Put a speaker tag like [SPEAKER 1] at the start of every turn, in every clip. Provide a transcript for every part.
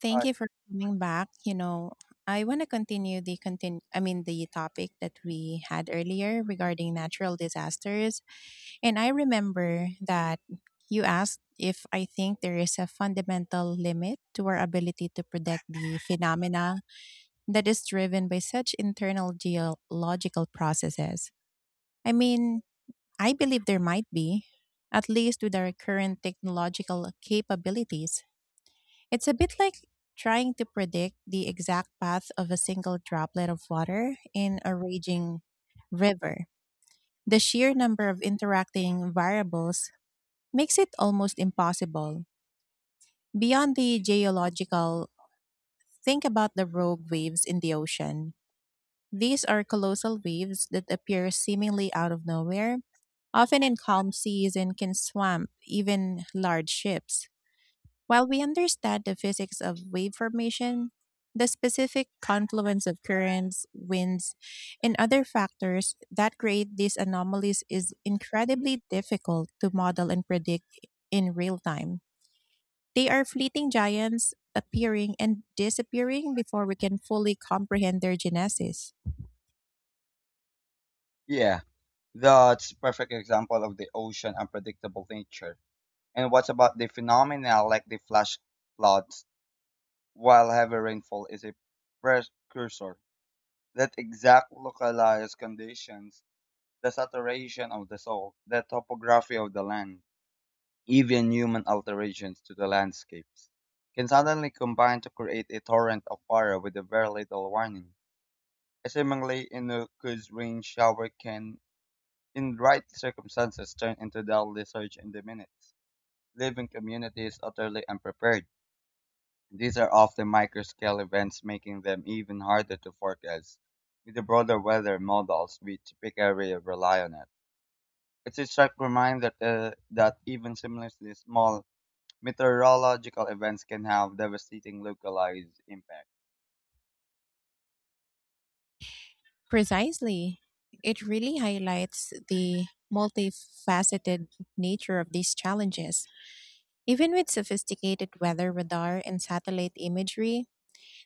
[SPEAKER 1] Thank
[SPEAKER 2] Uh,
[SPEAKER 1] you for coming back. I want to continue, I mean, the topic that we had earlier regarding natural disasters. And I remember that you asked if I think there is a fundamental limit to our ability to predict the phenomena that is driven by such internal geological processes. I mean, I believe there might be, at least with our current technological capabilities. It's a bit like trying to predict the exact path of a single droplet of water in a raging river. The sheer number of interacting variables makes it almost impossible. Beyond the geological, think about the rogue waves in the ocean. These are colossal waves that appear seemingly out of nowhere, often in calm seas, and can swamp even large ships. While we understand the physics of wave formation, the specific confluence of currents, winds, and other factors that create these anomalies is incredibly difficult to model and predict in real time. They are fleeting giants, appearing and disappearing before we can fully comprehend their genesis.
[SPEAKER 2] yeah, that's a perfect example of the ocean unpredictable nature. And what about the phenomena like the flash floods? While heavy rainfall is a precursor, that exact localized conditions, the saturation of the soil, the topography of the land, even human alterations to the landscapes, can suddenly combine to create a torrent of fire with a very little warning. A seemingly innocuous rain shower can in right circumstances turn into the lethargy in the minutes, living communities utterly unprepared. These are often microscale events, making them even harder to forecast. With the broader weather models we typically rely on it. It's a stark reminder that, that even similarly small meteorological events can have devastating localized impact.
[SPEAKER 1] Precisely. It really highlights the multifaceted nature of these challenges. Even with sophisticated weather radar and satellite imagery,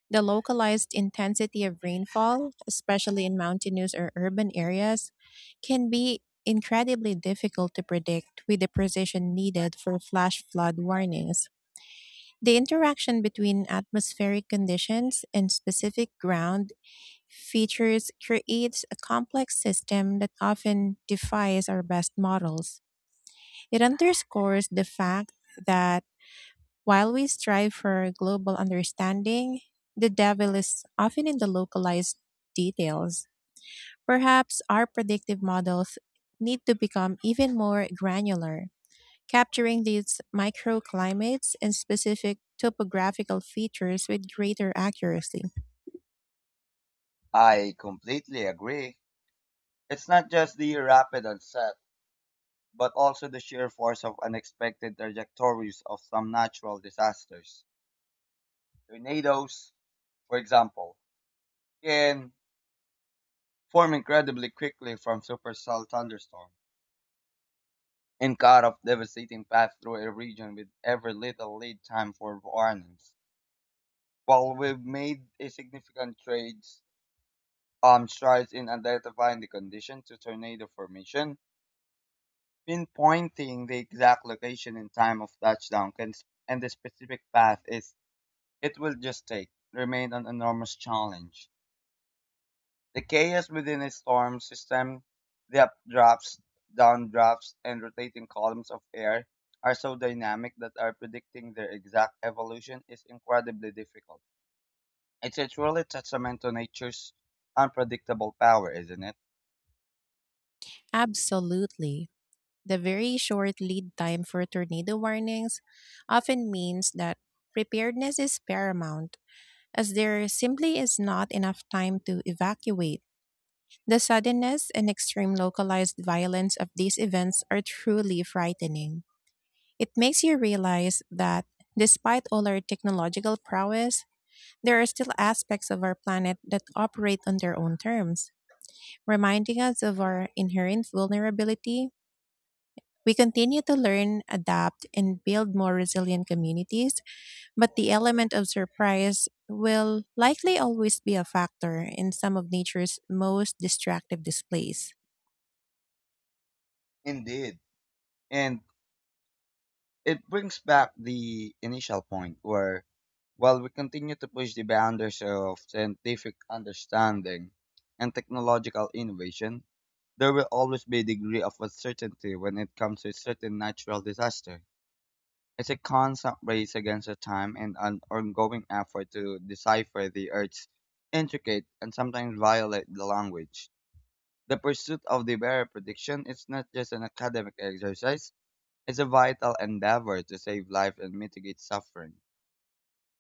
[SPEAKER 1] the localized intensity of rainfall, especially in mountainous or urban areas, can be incredibly difficult to predict with the precision needed for flash flood warnings. The interaction between atmospheric conditions and specific ground features creates a complex system that often defies our best models. It underscores the fact that, while we strive for global understanding, the devil is often in the localized details. Perhaps our predictive models need to become even more granular, capturing these microclimates and specific topographical features with greater accuracy.
[SPEAKER 2] I completely agree. It's not just the rapid onset but also the sheer force of unexpected trajectories of some natural disasters. Tornadoes, for example, can form incredibly quickly from supercell thunderstorms and cut off devastating paths through a region with ever little lead time for warnings. While we've made a significant trades strides in identifying the condition to tornado formation, pinpointing the exact location and time of touchdown can, and the specific path is it will just take remained an enormous challenge. The chaos within a storm system, the updrafts, downdrafts, and rotating columns of air are so dynamic that are predicting their exact evolution is incredibly difficult. It's a truly testament to nature's unpredictable power, isn't it?
[SPEAKER 1] Absolutely. The very short lead time for tornado warnings often means that preparedness is paramount, as there simply is not enough time to evacuate. The suddenness and extreme localized violence of these events are truly frightening. It makes you realize that, despite all our technological prowess, there are still aspects of our planet that operate on their own terms, reminding us of our inherent vulnerability. We continue to learn, adapt, and build more resilient communities, but the element of surprise will likely always be a factor in some of nature's most destructive displays.
[SPEAKER 2] Indeed. And it brings back the initial point where, while we continue to push the boundaries of scientific understanding and technological innovation, there will always be a degree of uncertainty when it comes to certain natural disaster. It's a constant race against the time and an ongoing effort to decipher the Earth's intricate and sometimes violate the language. The pursuit of the better prediction is not just an academic exercise, it's a vital endeavor to save life and mitigate suffering.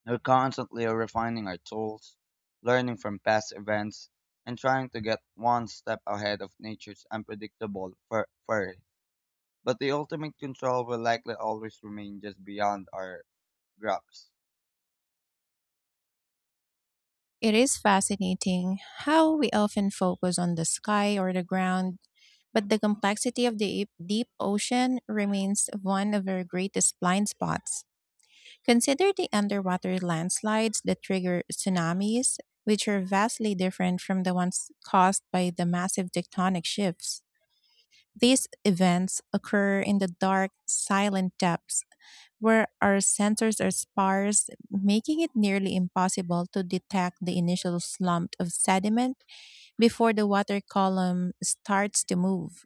[SPEAKER 2] We're constantly refining our tools, learning from past events, and trying to get one step ahead of nature's unpredictable fur. But the ultimate control will likely always remain just beyond our grasp.
[SPEAKER 1] It is fascinating how we often focus on the sky or the ground, but the complexity of the deep ocean remains one of our greatest blind spots. Consider the underwater landslides that trigger tsunamis, which are vastly different from the ones caused by the massive tectonic shifts. These events occur in the dark, silent depths where our sensors are sparse, making it nearly impossible to detect the initial slump of sediment before the water column starts to move.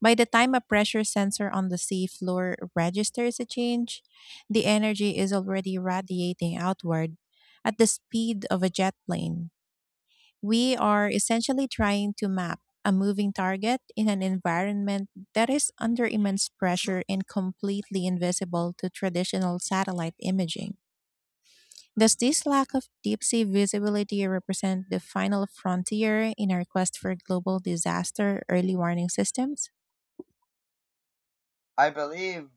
[SPEAKER 1] By the time a pressure sensor on the seafloor registers a change, the energy is already radiating outward at the speed of a jet plane. We are essentially trying to map a moving target in an environment that is under immense pressure and completely invisible to traditional satellite imaging. Does this lack of deep sea visibility represent the final frontier in our quest for global disaster early warning systems?
[SPEAKER 2] I believe,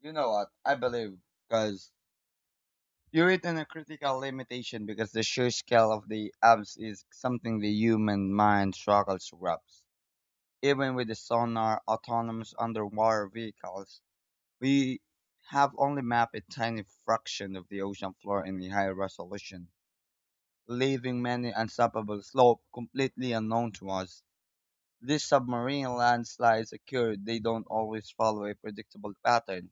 [SPEAKER 2] you know what? I believe, because you're within a critical limitation because the sheer scale of the abs is something the human mind struggles to grasp. Even with the sonar autonomous underwater vehicles, we have only mapped a tiny fraction of the ocean floor in the high resolution, leaving many unstoppable slopes completely unknown to us. These submarine landslides occur, they don't always follow a predictable pattern.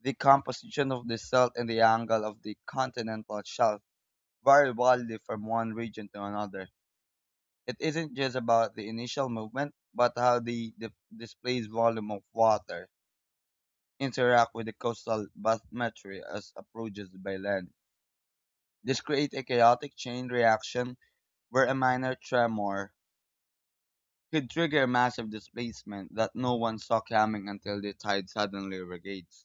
[SPEAKER 2] The composition of the salt and the angle of the continental shelf vary wildly from one region to another. It isn't just about the initial movement, but how the displays volume of water interact with the coastal bathymetry as approaches by land. This creates a chaotic chain reaction where a minor tremor could trigger a massive displacement that no one saw coming until the tide suddenly regates.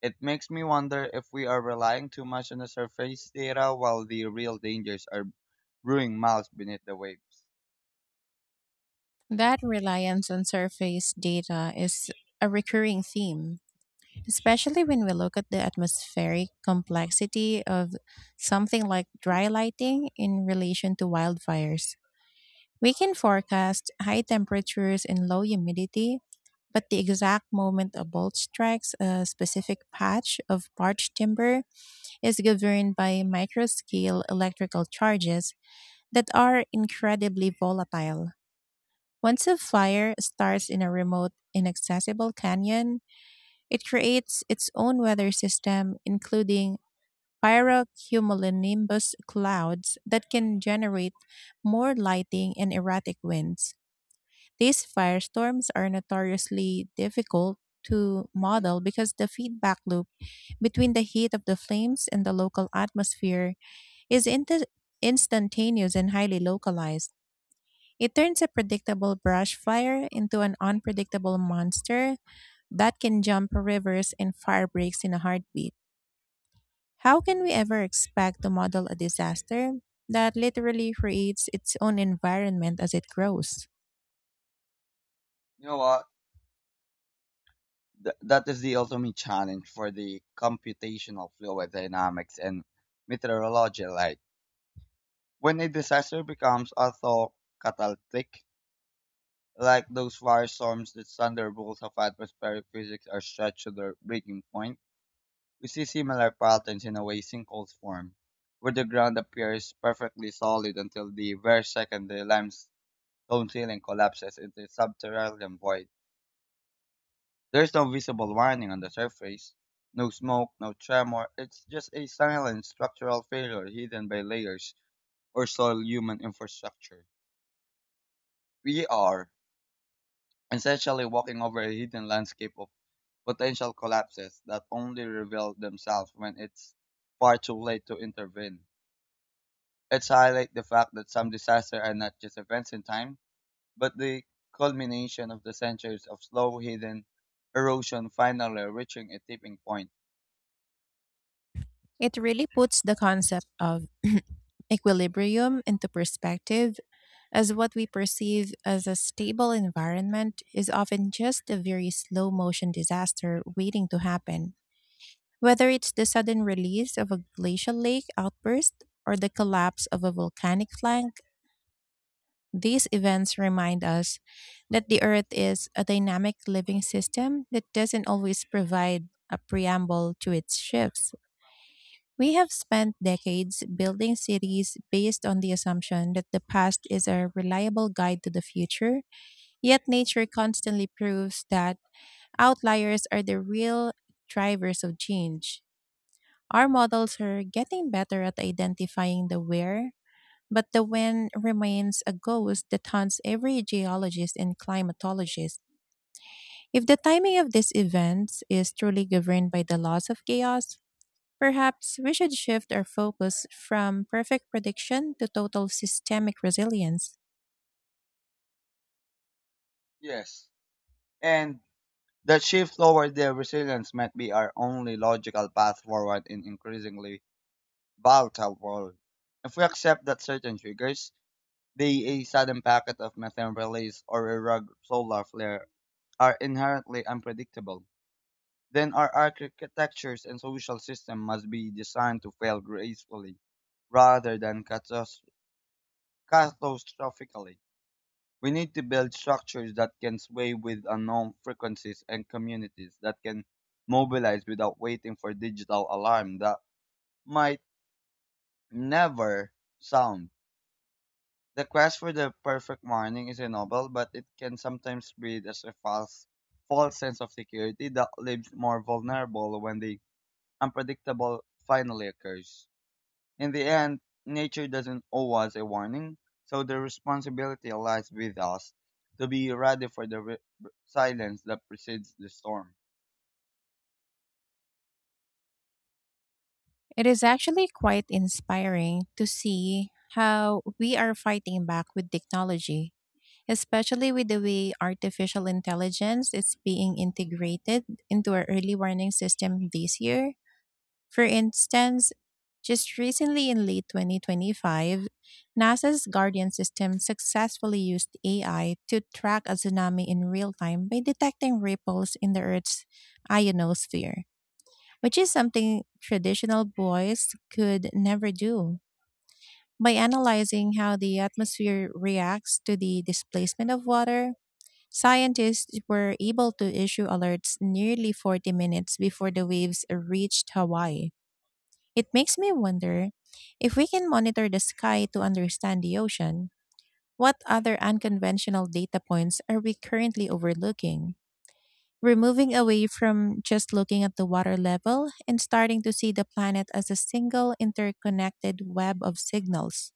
[SPEAKER 2] It makes me wonder if we are relying too much on the surface data while the real dangers are brewing miles beneath the waves.
[SPEAKER 1] That reliance on surface data is a recurring theme, especially when we look at the atmospheric complexity of something like dry lighting in relation to wildfires. We can forecast high temperatures and low humidity, but the exact moment a bolt strikes a specific patch of parched timber is governed by microscale electrical charges that are incredibly volatile. Once a fire starts in a remote, inaccessible canyon, it creates its own weather system, including pyrocumulonimbus clouds that can generate more lighting and erratic winds. These firestorms are notoriously difficult to model because the feedback loop between the heat of the flames and the local atmosphere is instantaneous and highly localized. It turns a predictable brush fire into an unpredictable monster that can jump rivers and fire breaks in a heartbeat. How can we ever expect to model a disaster that literally creates its own environment as it grows?
[SPEAKER 2] You know what? That is the ultimate challenge for the computational fluid dynamics and meteorology like. When a disaster becomes auto catalytic, like those firestorms that thunderbolts of atmospheric physics are stretched to their breaking point, we see similar patterns in a way sinkholes form, where the ground appears perfectly solid until the very second the limestone ceiling collapses into a subterranean void. There's no visible warning on the surface, no smoke, no tremor, it's just a silent structural failure hidden by layers or soil human infrastructure. We are essentially walking over a hidden landscape of potential collapses that only reveal themselves when it's far too late to intervene. Let's highlight the fact that some disasters are not just events in time, but the culmination of the centuries of slow hidden erosion finally reaching a tipping point.
[SPEAKER 1] It really puts the concept of equilibrium into perspective, as what we perceive as a stable environment is often just a very slow motion disaster waiting to happen. Whether it's the sudden release of a glacial lake outburst or the collapse of a volcanic flank, these events remind us that the Earth is a dynamic living system that doesn't always provide a preamble to its shifts. We have spent decades building cities based on the assumption that the past is a reliable guide to the future, yet nature constantly proves that outliers are the real drivers of change. Our models are getting better at identifying the where, but the when remains a ghost that haunts every geologist and climatologist. If the timing of these events is truly governed by the laws of chaos, perhaps we should shift our focus from perfect prediction to total systemic resilience.
[SPEAKER 2] Yes. And that shift toward their resilience might be our only logical path forward in increasingly volatile world. If we accept that certain triggers, they, a sudden packet of methane release or a rogue solar flare, are inherently unpredictable. Then our architectures and social system must be designed to fail gracefully rather than catastrophically. We need to build structures that can sway with unknown frequencies and communities that can mobilize without waiting for digital alarm that might never sound. The quest for the perfect morning is a noble, but it can sometimes breed as a false sense of security that leaves more vulnerable when the unpredictable finally occurs. In the end, nature doesn't owe us a warning, so the responsibility lies with us to be ready for the silence that precedes the storm.
[SPEAKER 1] It is actually quite inspiring to see how we are fighting back with technology, especially with the way artificial intelligence is being integrated into our early warning system this year. For instance, just recently in late 2025, NASA's Guardian system successfully used AI to track a tsunami in real time by detecting ripples in the Earth's ionosphere, which is something traditional buoys could never do. By analyzing how the atmosphere reacts to the displacement of water, scientists were able to issue alerts nearly 40 minutes before the waves reached Hawaii. It makes me wonder, if we can monitor the sky to understand the ocean, what other unconventional data points are we currently overlooking? We're moving away from just looking at the water level and starting to see the planet as a single interconnected web of signals.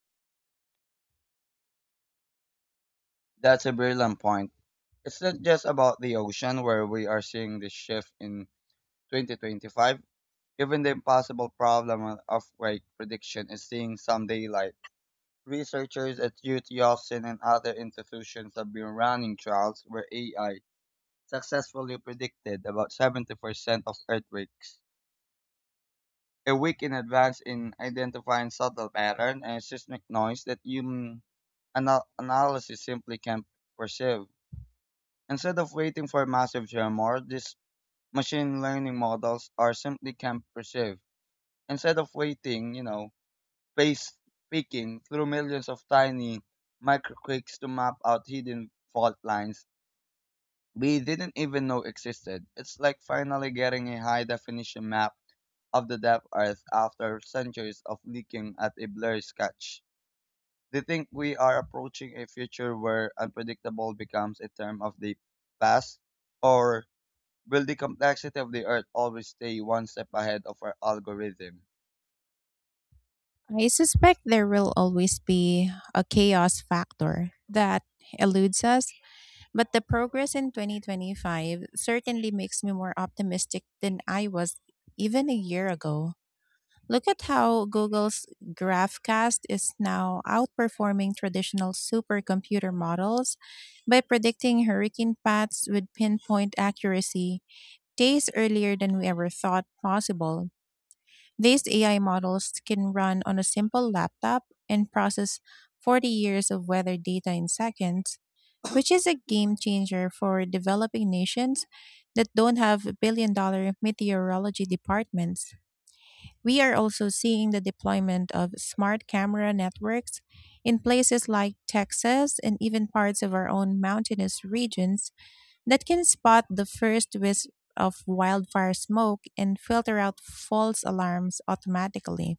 [SPEAKER 2] That's a brilliant point. It's not just about the ocean where we are seeing this shift in 2025. Even the impossible problem of quake prediction is seeing some daylight. Researchers at UT Austin and other institutions have been running trials where AI successfully predicted about 70% of earthquakes. A week in advance in identifying subtle pattern and seismic noise that human analysis simply can't perceive. Instead of waiting for massive tremor, these machine learning models are simply can't perceive. Instead of waiting, you know, face picking through millions of tiny microquakes to map out hidden fault lines we didn't even know existed. It's like finally getting a high definition map of the depth Earth after centuries of looking at a blurry sketch. They think we are approaching a future where unpredictable becomes a term of the past, or will the complexity of the Earth always stay one step ahead of our algorithm?
[SPEAKER 1] I suspect there will always be a chaos factor that eludes us. But the progress in 2025 certainly makes me more optimistic than I was even a year ago. Look at how Google's GraphCast is now outperforming traditional supercomputer models by predicting hurricane paths with pinpoint accuracy days earlier than we ever thought possible. These AI models can run on a simple laptop and process 40 years of weather data in seconds, which is a game changer for developing nations that don't have billion dollar meteorology departments. We are also seeing the deployment of smart camera networks in places like Texas and even parts of our own mountainous regions that can spot the first wisp of wildfire smoke and filter out false alarms automatically.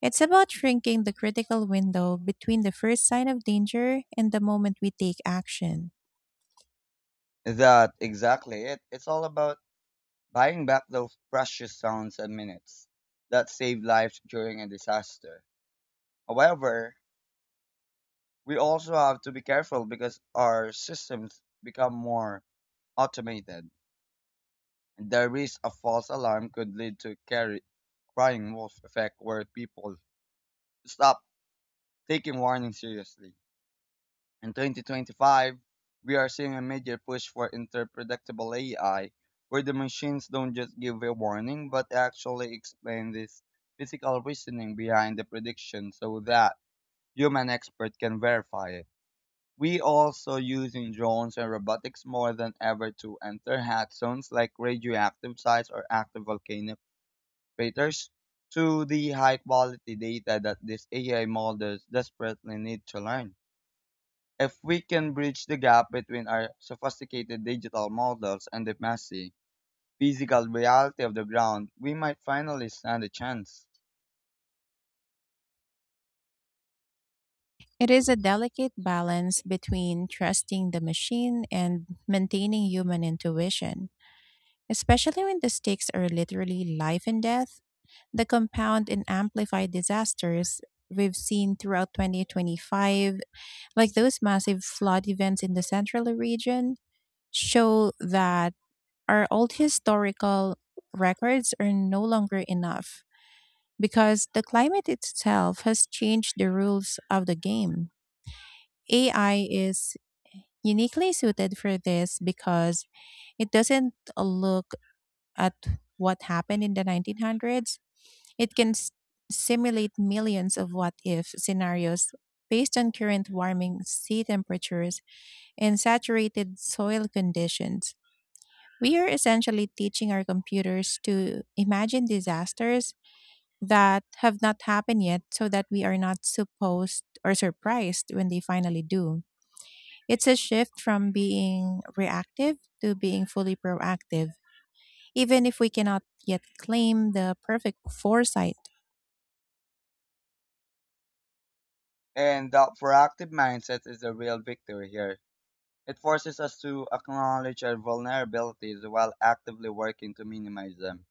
[SPEAKER 1] It's about shrinking the critical window between the first sign of danger and the moment we take action.
[SPEAKER 2] That exactly it. It's all about buying back those precious sounds and minutes that saved lives during a disaster. However, we also have to be careful because our systems become more automated and the risk of false alarm could lead to carry, crying wolf effect where people stop taking warning seriously. In 2025, we are seeing a major push for interpredictable AI, where the machines don't just give a warning, but actually explain this physical reasoning behind the prediction so that human experts can verify it. We also using drones and robotics more than ever to enter hot zones like radioactive sites or active volcanic craters to the high quality data that these AI models desperately need to learn. If we can bridge the gap between our sophisticated digital models and the messy physical reality of the ground, we might finally stand a chance.
[SPEAKER 1] It is a delicate balance between trusting the machine and maintaining human intuition, especially when the stakes are literally life and death. The compound and amplified disasters we've seen throughout 2025, like those massive flood events in the central region, show that our old historical records are no longer enough, because the climate itself has changed the rules of the game. AI is uniquely suited for this because it doesn't look at what happened in the 1900s. It can simulate millions of what if scenarios based on current warming sea temperatures and saturated soil conditions. We are essentially teaching our computers to imagine disasters that have not happened yet, so that we are not supposed or surprised when they finally do. It's a shift from being reactive to being fully proactive, even if we cannot yet claim the perfect foresight.
[SPEAKER 2] And that proactive mindset is the real victory here. It forces us to acknowledge our vulnerabilities while actively working to minimize them.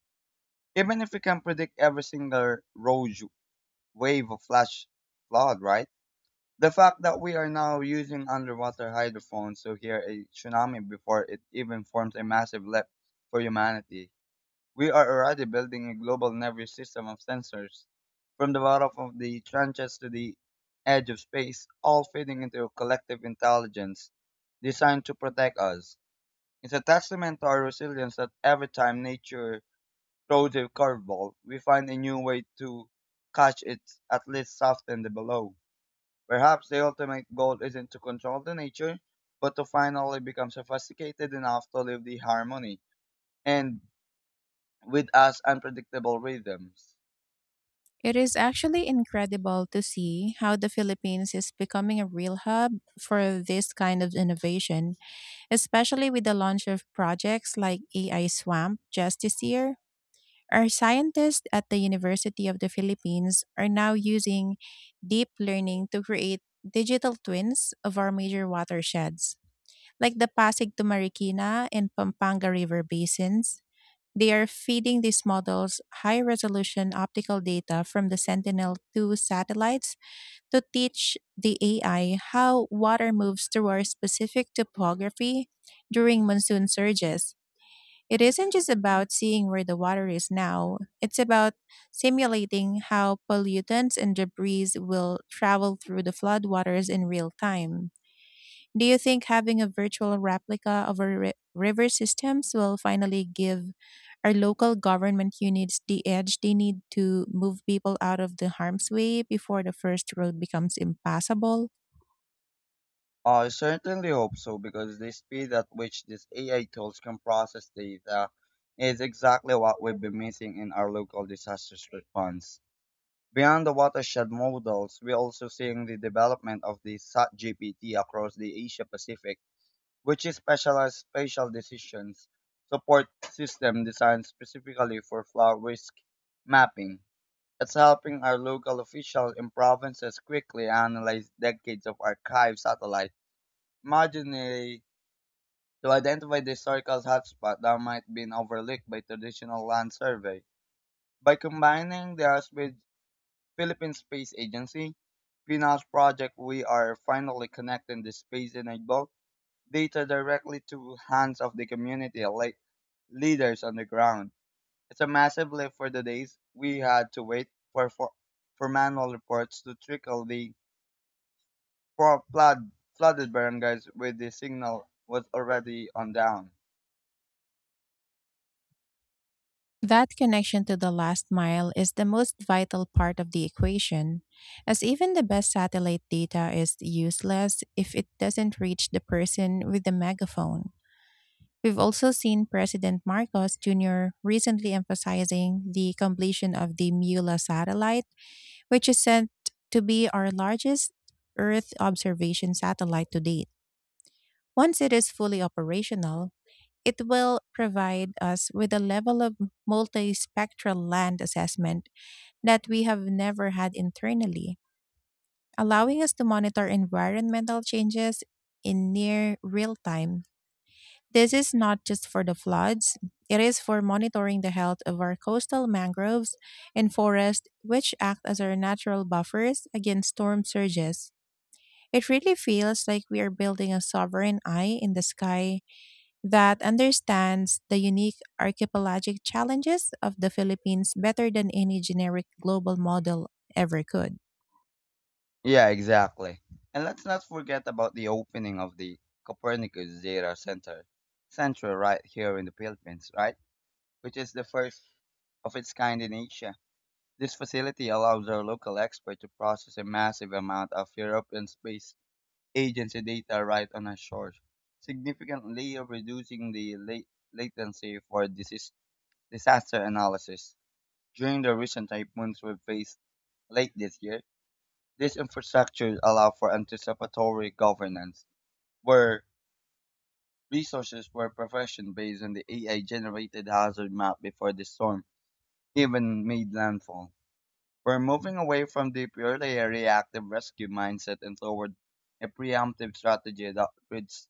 [SPEAKER 2] Even if we can predict every single rogue wave of flash flood, right? The fact that we are now using underwater hydrophones to hear a tsunami before it even forms a massive leap for humanity. We are already building a global nervous system of sensors, from the bottom of the trenches to the edge of space, all feeding into a collective intelligence designed to protect us. It's a testament to our resilience that every time nature throws a curveball, we find a new way to catch it, at least soften the blow. Perhaps the ultimate goal isn't to control the nature, but to finally become sophisticated enough to live the harmony and with us unpredictable rhythms.
[SPEAKER 1] It is actually incredible to see how the Philippines is becoming a real hub for this kind of innovation, especially with the launch of projects like AI Swamp just this year. Our scientists at the University of the Philippines are now using deep learning to create digital twins of our major watersheds, like the Pasig to Marikina and Pampanga River basins. They are feeding these models high resolution optical data from the Sentinel 2 satellites to teach the AI how water moves through our specific topography during monsoon surges. It isn't just about seeing where the water is now, it's about simulating how pollutants and debris will travel through the floodwaters in real time. Do you think having a virtual replica of our river systems will finally give our local government units the edge they need to move people out of the harm's way before the first road becomes impassable?
[SPEAKER 2] I certainly hope so because the speed at which these AI tools can process data is exactly what we've been missing in our local disaster response. Beyond the watershed models, we're also seeing the development of the SAT GPT across the Asia Pacific, which is specialized spatial decisions support system designed specifically for flood risk mapping. It's helping our local officials in provinces quickly analyze decades of archived satellite imagery to identify the historical hotspot that might be overlooked by traditional land survey. By combining theirs with Philippine Space Agency, PNAS project, we are finally connecting the space enabled data directly to hands of the community like leaders on the ground. It's a massive lift for the days we had to wait for manual reports to trickle the pro- flood, flooded barangays with the signal was already on down.
[SPEAKER 1] That connection to the last mile is the most vital part of the equation, as even the best satellite data is useless if it doesn't reach the person with the megaphone. We've also seen President Marcos Jr. recently emphasizing the completion of the MULA satellite, which is said to be our largest Earth observation satellite to date. Once it is fully operational, it will provide us with a level of multispectral land assessment that we have never had internally, allowing us to monitor environmental changes in near real time. This is not just for the floods, it is for monitoring the health of our coastal mangroves and forests, which act as our natural buffers against storm surges. It really feels like we are building a sovereign eye in the sky that understands the unique archipelagic challenges of the Philippines better than any generic global model ever could.
[SPEAKER 2] Yeah, exactly. And let's not forget about the opening of the Copernicus Data Center, central right here in the Philippines, right? Which is the first of its kind in Asia. This facility allows our local experts to process a massive amount of European Space Agency data right on our shores, significantly reducing the latency for disaster analysis. During the recent typhoons we faced late this year, this infrastructure allowed for anticipatory governance, where resources were provisioned based on the AI generated hazard map before the storm even made landfall. We're moving away from the purely reactive rescue mindset and toward a preemptive strategy that treats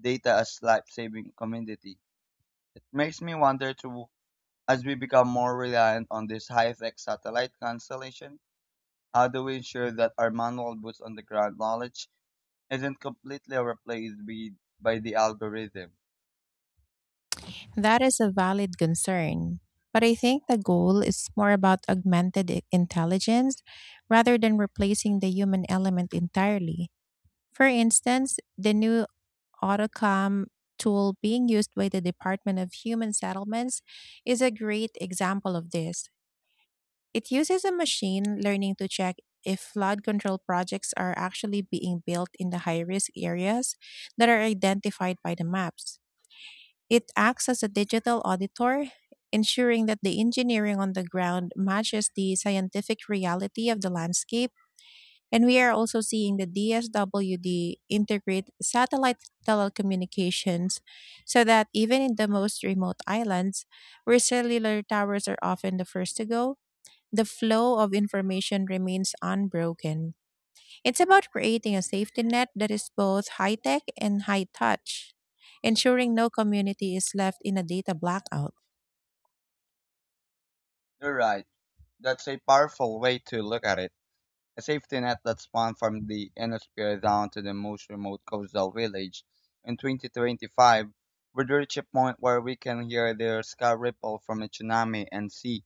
[SPEAKER 2] data as life-saving commodity. It makes me wonder too, as we become more reliant on this high-tech satellite constellation, how do we ensure that our manual boots on the ground knowledge isn't completely replaced by the algorithm?
[SPEAKER 1] That is a valid concern. But I think the goal is more about augmented intelligence rather than replacing the human element entirely. For instance, the new AutoCom tool being used by the Department of Human Settlements is a great example of this. It uses a machine learning to check if flood control projects are actually being built in the high risk areas that are identified by the maps. It acts as a digital auditor, ensuring that the engineering on the ground matches the scientific reality of the landscape. And we are also seeing the DSWD integrate satellite telecommunications so that even in the most remote islands, where cellular towers are often the first to go, the flow of information remains unbroken. It's about creating a safety net that is both high tech and high touch, ensuring no community is left in a data blackout.
[SPEAKER 2] You're right. That's a powerful way to look at it. A safety net that spanned from the Enosphere down to the most remote coastal village. In 2025, we'd reach a point where we can hear the sky ripple from a tsunami and see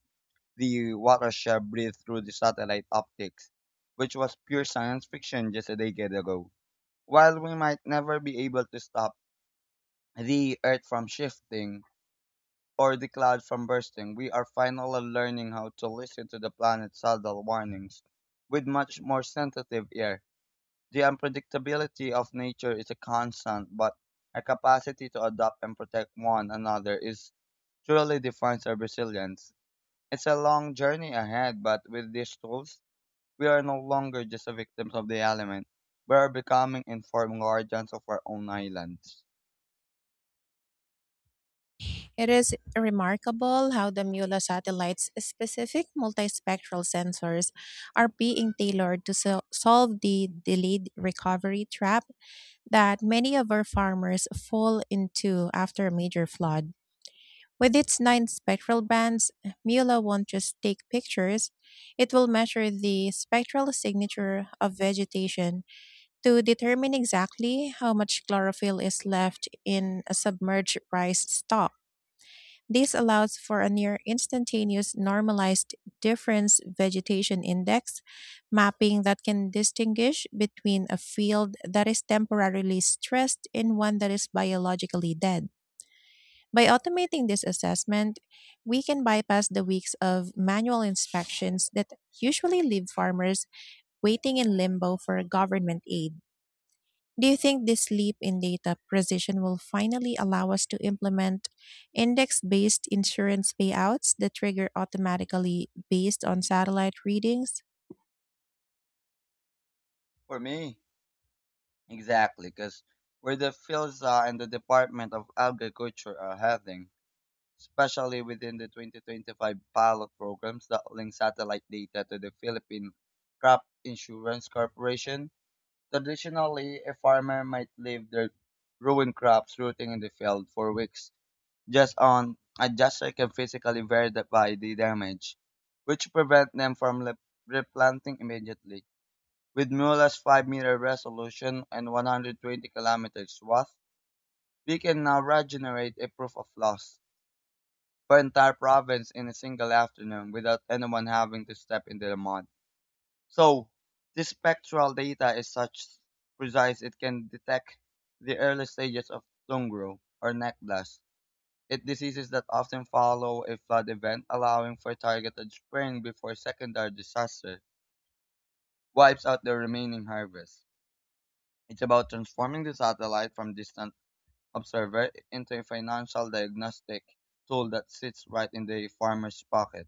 [SPEAKER 2] the watershed breathe through the satellite optics, which was pure science fiction just a decade ago. While we might never be able to stop the Earth from shifting or the cloud from bursting, we are finally learning how to listen to the planet's subtle warnings with much more sensitive ear. The unpredictability of nature is a constant, but our capacity to adapt and protect one another is truly defines our resilience. It's a long journey ahead, but with these tools, we are no longer just the victims of the element. We are becoming informed guardians of our own islands.
[SPEAKER 1] It is remarkable how the MULA satellite's specific multispectral sensors are being tailored to solve the delayed recovery trap that many of our farmers fall into after a major flood. With its nine spectral bands, MULA won't just take pictures, it will measure the spectral signature of vegetation to determine exactly how much chlorophyll is left in a submerged rice stalk. This allows for a near instantaneous normalized difference vegetation index mapping that can distinguish between a field that is temporarily stressed and one that is biologically dead. By automating this assessment, we can bypass the weeks of manual inspections that usually leave farmers waiting in limbo for government aid. Do you think this leap in data precision will finally allow us to implement index based insurance payouts that trigger automatically based on satellite readings?
[SPEAKER 2] For me, exactly, because where the fields are and the Department of Agriculture are heading. Especially within the 2025 pilot programs that link satellite data to the Philippine Crop Insurance Corporation. Traditionally, a farmer might leave their ruined crops rooting in the field for weeks just on adjuster can physically verify the damage, which prevent them from replanting immediately. With Mueller's 5-meter resolution and 120 kilometers swath, we can now regenerate a proof of loss for entire province in a single afternoon without anyone having to step into the mud. So this spectral data is such precise it can detect the early stages of tungro or neck blast. It diseases that often follow a flood event, allowing for targeted spraying before secondary disaster wipes out the remaining harvest. It's about transforming the satellite from distant observer into a financial diagnostic tool that sits right in the farmer's pocket.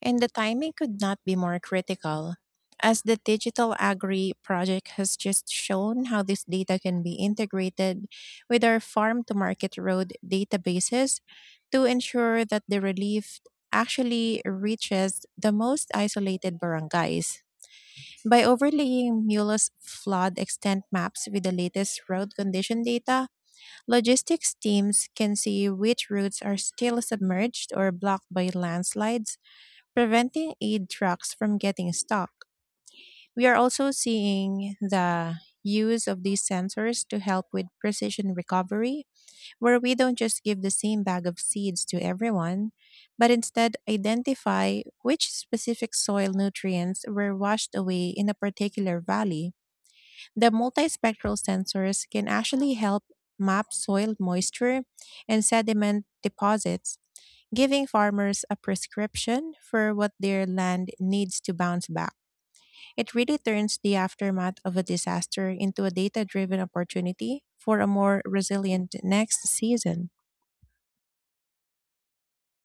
[SPEAKER 1] And the timing could not be more critical, as the Digital Agri project has just shown how this data can be integrated with our farm to market road databases to ensure that the relief actually reaches the most isolated barangays. By overlaying MULA's flood extent maps with the latest road condition data, logistics teams can see which routes are still submerged or blocked by landslides preventing aid trucks from getting stuck. We are also seeing the use of these sensors to help with precision recovery, where we don't just give the same bag of seeds to everyone, but instead identify which specific soil nutrients were washed away in a particular valley. The multispectral sensors can actually help map soil moisture and sediment deposits giving farmers a prescription for what their land needs to bounce back. It really turns the aftermath of a disaster into a data driven opportunity for a more resilient next season.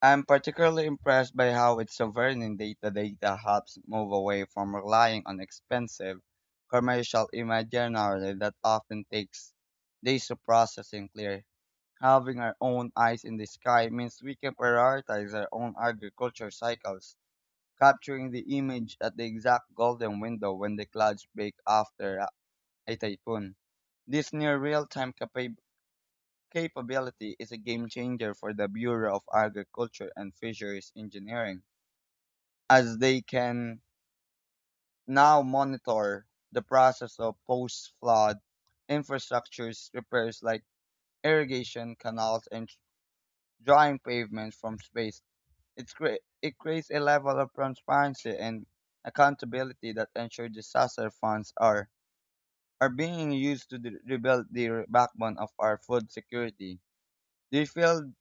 [SPEAKER 2] I'm particularly impressed by how its sovereign data helps move away from relying on expensive commercial imaginary that often takes days to process and clear. Having our own eyes in the sky means we can prioritize our own agriculture cycles, capturing the image at the exact golden window when the clouds break after a typhoon. This near real-time capability is a game changer for the Bureau of Agriculture and Fisheries Engineering, as they can now monitor the process of post flood infrastructures repairs like irrigation canals and drying pavements from space. It creates a level of transparency and accountability that ensure disaster funds are being used to rebuild the re- backbone of our food security. Do you feel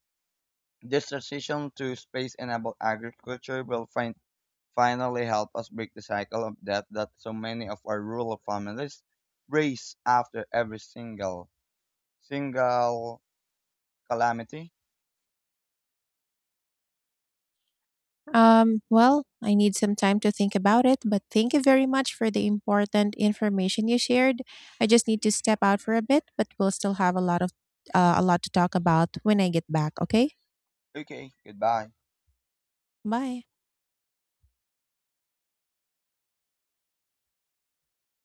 [SPEAKER 2] this transition to space-enabled agriculture will finally help us break the cycle of death that so many of our rural families race after every single calamity.
[SPEAKER 1] Well, I need some time to think about it, but thank you very much for the important information you shared. I just need to step out for a bit, but we'll still have a lot of a lot to talk about when I get back, okay?
[SPEAKER 2] Okay, goodbye.
[SPEAKER 1] Bye.